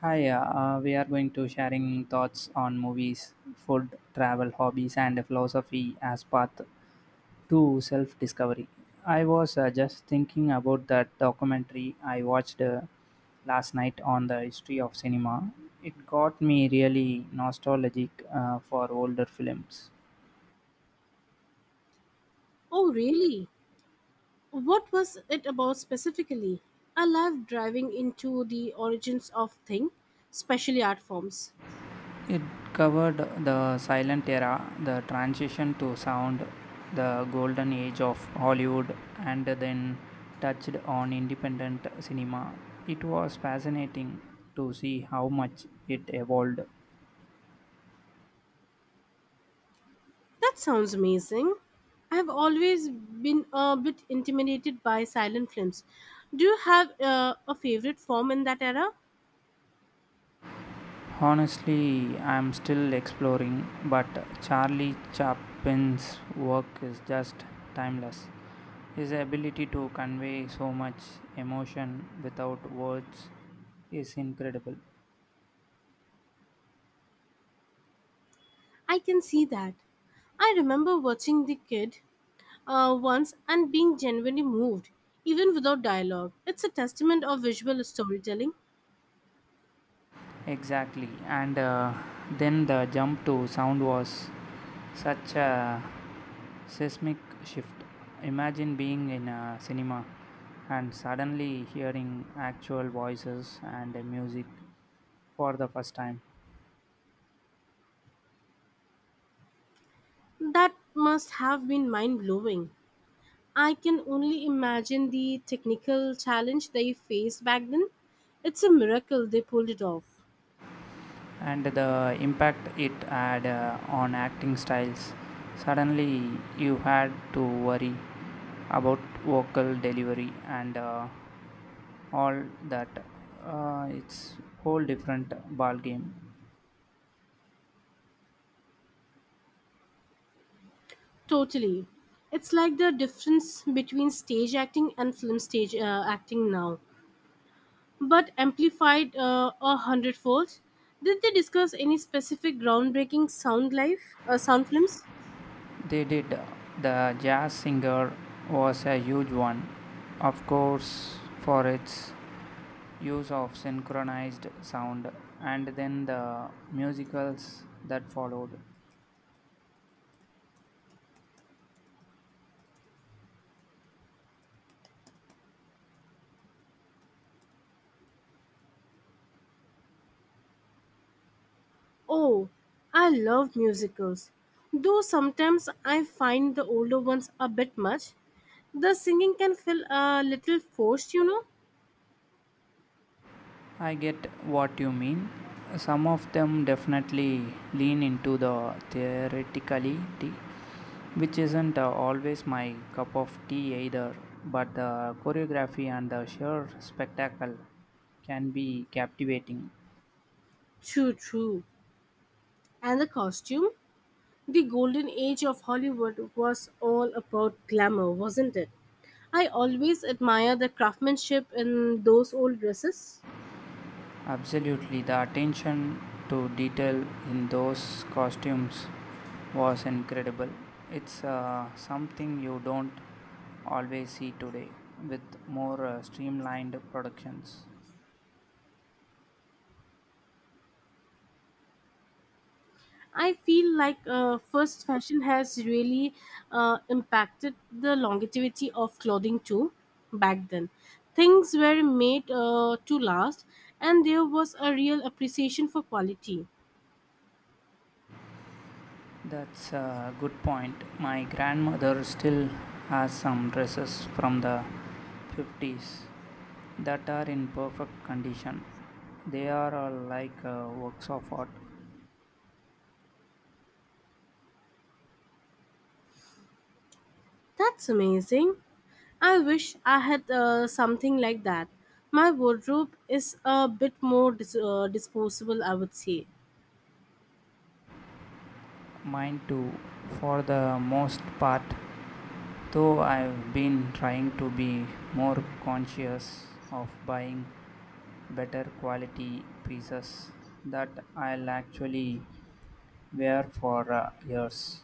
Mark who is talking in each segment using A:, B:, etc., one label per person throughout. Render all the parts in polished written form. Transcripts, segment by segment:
A: Hi, we are going to sharing thoughts on movies, food, travel, hobbies, and philosophy as path to self-discovery. I was just thinking about that documentary I watched last night on the history of cinema. It got me really nostalgic for older films.
B: Oh, really? What was it about specifically? I love driving into the origins of thing, especially art forms.
A: It covered the silent era, the transition to sound, the golden age of Hollywood, and then touched on independent cinema. It was fascinating to see how much it evolved.
B: That sounds amazing. I have always been a bit intimidated by silent films. Do you have a favorite form in that era?
A: Honestly, I'm still exploring, but Charlie Chaplin's work is just timeless. His ability to convey so much emotion without words is incredible.
B: I can see that. I remember watching The Kid once and being genuinely moved, even without dialogue. It's a testament of visual storytelling
A: Exactly, and then the jump to sound was such a seismic shift. Imagine being in a cinema and suddenly hearing actual voices and music for the first time,
B: that must have been mind blowing. I can only imagine the technical challenge they faced back then. It's a miracle they pulled it off.
A: and the impact it had on acting styles. Suddenly, you had to worry about vocal delivery and all that. It's whole different ball game.
B: Totally. It's like the difference between stage acting and film stage acting now, but amplified a hundredfold. Did they discuss any specific groundbreaking sound life, sound films?
A: They did. The Jazz Singer was a huge one, of course, for its use of synchronized sound and then the musicals that followed.
B: Oh, I love musicals. Though sometimes I find the older ones a bit much. The singing can feel a little forced, you know.
A: I get what you mean. Some of them definitely lean into the theatricality, which isn't always my cup of tea either, but the choreography and the sheer spectacle can be captivating.
B: True, true. And the costume? The golden age of Hollywood was all about glamour, wasn't it? I always admire the craftsmanship in those old dresses.
A: Absolutely, the attention to detail in those costumes was incredible. It's something you don't always see today with more streamlined productions.
B: I feel like first fashion has really impacted the longevity of clothing too back then. Things were made to last, and there was a real appreciation for quality.
A: That's a good point. My grandmother still has some dresses from the 50s that are in perfect condition. They are all like works of art.
B: That's amazing. I wish I had something like that. My wardrobe is a bit more disposable, I would say.
A: Mine too, for the most part, though I've been trying to be more conscious of buying better quality pieces that I'll actually wear for years.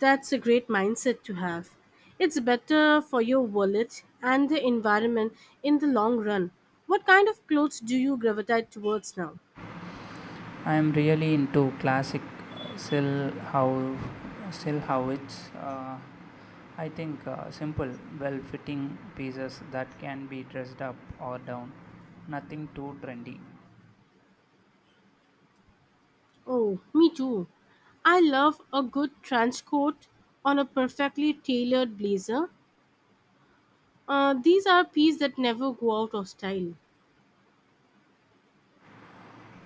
B: That's a great mindset to have. It's better for your wallet and the environment in the long run. What kind of clothes do you gravitate towards now?
A: I'm really into classic silhou- silhouettes. I think simple, well fitting pieces that can be dressed up or down, nothing too trendy.
B: Oh, me too. I love a good trench coat on a perfectly tailored blazer. These are pieces that never go out of style.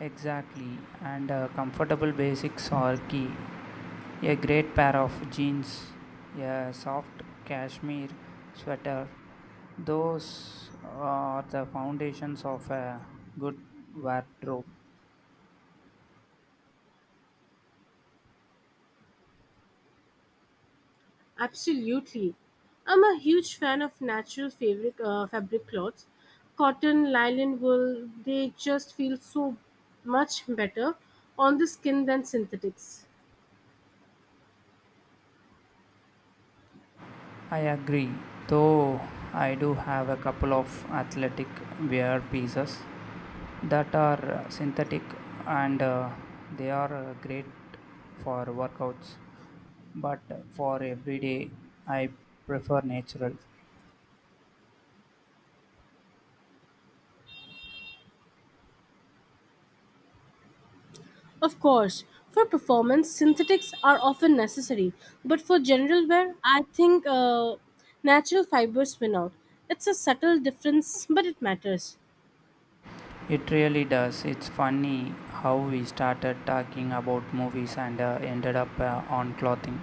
A: Exactly, and comfortable basics are key. A great pair of jeans, a soft cashmere sweater, those are the foundations of a good wardrobe.
B: Absolutely. I'm a huge fan of natural fabric cloths. Cotton, nylon, wool, they just feel so much better on the skin than synthetics.
A: I agree, though I do have a couple of athletic wear pieces that are synthetic and they are great for workouts, but for everyday I prefer natural.
B: Of course, for performance, synthetics are often necessary, but for general wear, I think natural fibers win out. It's a subtle difference, but it matters.
A: It really does. It's funny how we started talking about movies and ended up on clothing.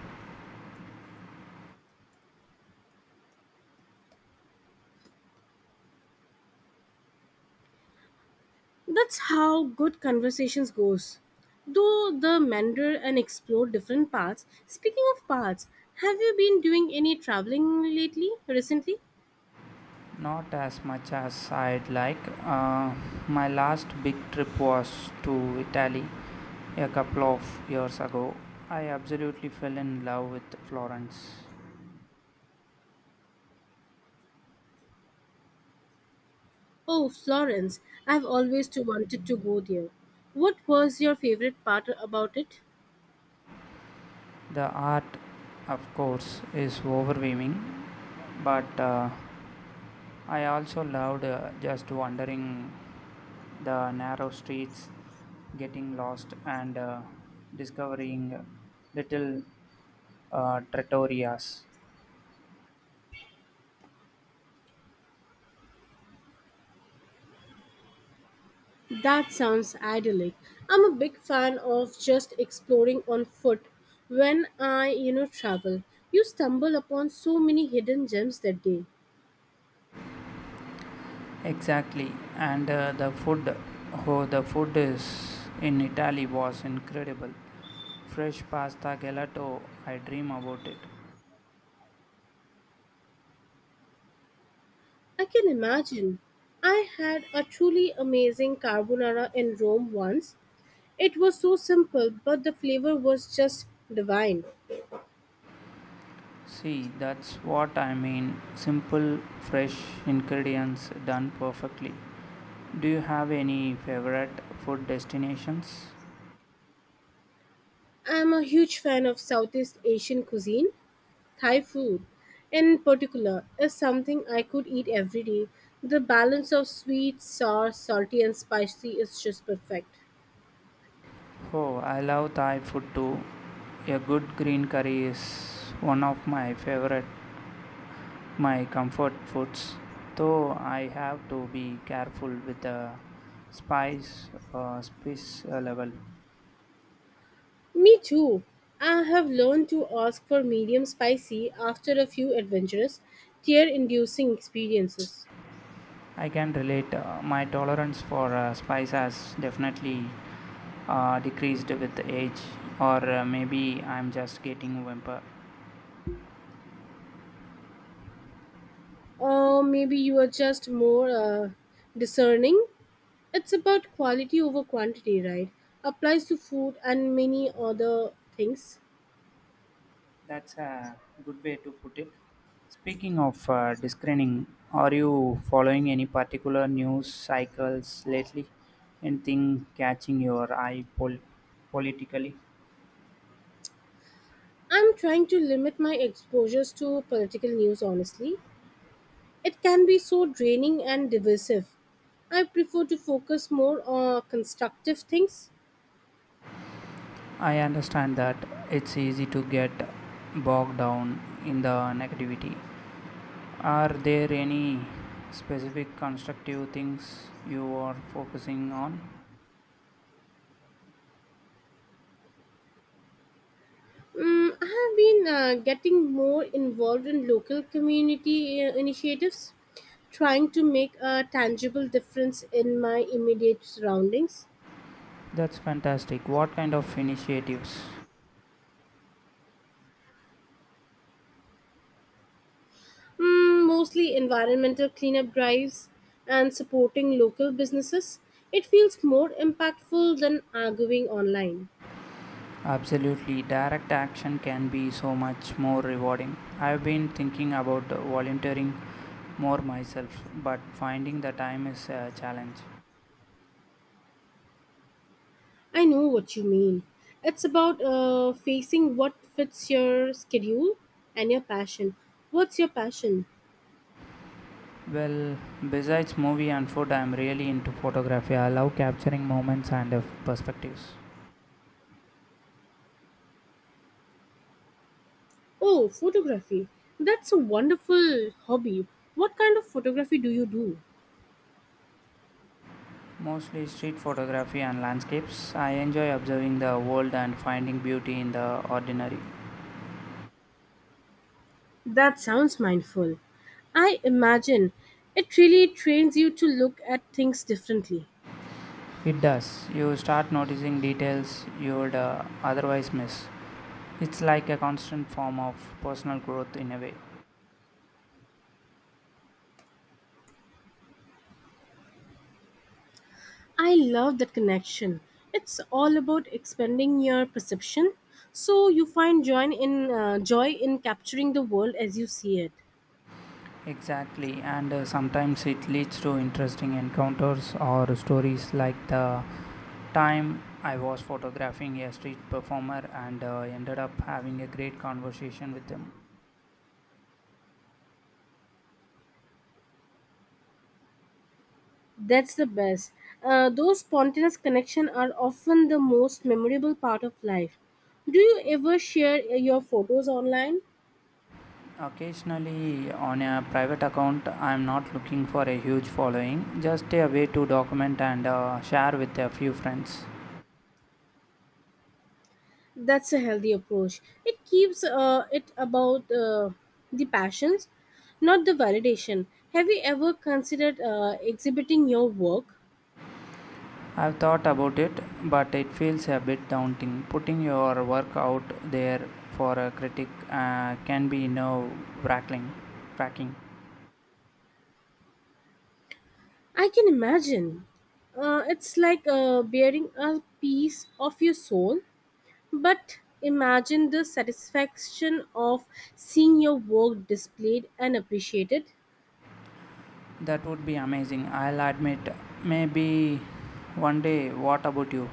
B: That's how good conversations goes. Though the meander and explore different paths. Speaking of paths, have you been doing any traveling lately, recently?
A: Not as much as I'd like. Uh, my last big trip was to Italy a couple of years ago. I absolutely fell in love with Florence.
B: Oh, Florence, I've always too wanted to go there. What was your favorite part about it?
A: The art, of course, is overwhelming, but I also loved just wandering the narrow streets, getting lost, and discovering little trattorias.
B: That sounds idyllic. I'm a big fan of just exploring on foot when I, you know, travel. You stumble upon so many hidden gems that day.
A: Exactly, and the food, oh, the food is in Italy was incredible. Fresh pasta gelato, I dream about it.
B: I can imagine. I had a truly amazing carbonara in Rome once. It was so simple, but the flavor was just divine.
A: See, that's what I mean. Simple, fresh ingredients done perfectly. Do you have any favorite food destinations?
B: I am a huge fan of Southeast Asian cuisine. Thai food, in particular, is something I could eat every day. The balance of sweet, sour, salty, and spicy is just perfect.
A: Oh, I love Thai food too. A good green curry is one of my favorite, my comfort foods, though I have to be careful with the spice level.
B: Me too. I have learned to ask for medium spicy after a few adventurous, tear inducing experiences.
A: I can relate. My tolerance for spice has definitely decreased with age, or maybe I'm just getting whimper.
B: Or maybe you are just more discerning. It's about quality over quantity, right? Applies to food and many other things.
A: That's a good way to put it. Speaking of discerning, are you following any particular news cycles lately? Anything catching your eye politically?
B: I'm trying to limit my exposures to political news, honestly. It can be so draining and divisive. I prefer to focus more on constructive things.
A: I understand that it's easy to get bogged down in the negativity. Are there any specific constructive things you are focusing on?
B: Mm, I have been getting more involved in local community initiatives, trying to make a tangible difference in my immediate surroundings.
A: That's fantastic. What kind of initiatives?
B: Mm, mostly environmental cleanup drives and supporting local businesses. It feels more impactful than arguing online.
A: Absolutely, direct action can be so much more rewarding. I've been thinking about volunteering more myself, but finding the time is a challenge.
B: I know what you mean. It's about facing what fits your schedule and your passion. What's your passion?
A: Well, besides movie and food, I'm really into photography. I love capturing moments and perspectives.
B: Oh, photography. That's a wonderful hobby. What kind of photography do you do?
A: Mostly street photography and landscapes. I enjoy observing the world and finding beauty in the ordinary.
B: That sounds mindful. I imagine it really trains you to look at things differently.
A: It does. You start noticing details you would otherwise miss. It's like a constant form of personal growth in a way.
B: I love that connection. It's all about expanding your perception so you find joy in joy in capturing the world as you see it.
A: Exactly, and sometimes it leads to interesting encounters or stories, like the time I was photographing a street performer and ended up having a great conversation with him.
B: That's the best. Those spontaneous connections are often the most memorable part of life. Do you ever share your photos online?
A: Occasionally on a private account. I'm not looking for a huge following, just a way to document and share with a few friends.
B: That's a healthy approach. It keeps it about the passions, not the validation. Have you ever considered exhibiting your work?
A: I've thought about it, but it feels a bit daunting. Putting your work out there for a critic can be nerve wracking. wracking.
B: I can imagine. It's like bearing a piece of your soul. But imagine the satisfaction of seeing your work displayed and appreciated.
A: That would be amazing, I'll admit. Maybe one day, what about you?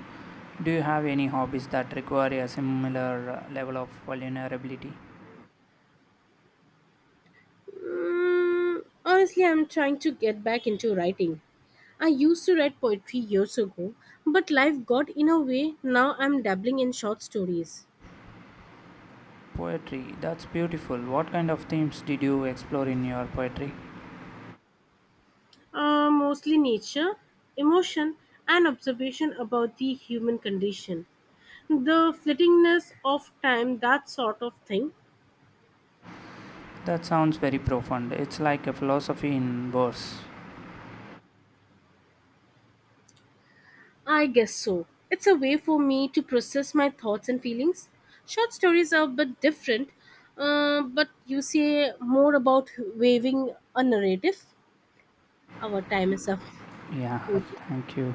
A: Do you have any hobbies that require a similar level of vulnerability?
B: Mm, honestly, I'm trying to get back into writing. I used to write poetry years ago, but life got in a way. Now I'm dabbling in short stories.
A: Poetry, that's beautiful. What kind of themes did you explore in your poetry?
B: Mostly nature, emotion, and observation about the human condition. The flittingness of time, that sort of thing.
A: That sounds very profound. It's like a philosophy in verse.
B: I guess so. It's a way for me to process my thoughts and feelings. Short stories are a bit different, but you say more about weaving a narrative. Our time is up.
A: Yeah,
B: Thank you.
A: thank you.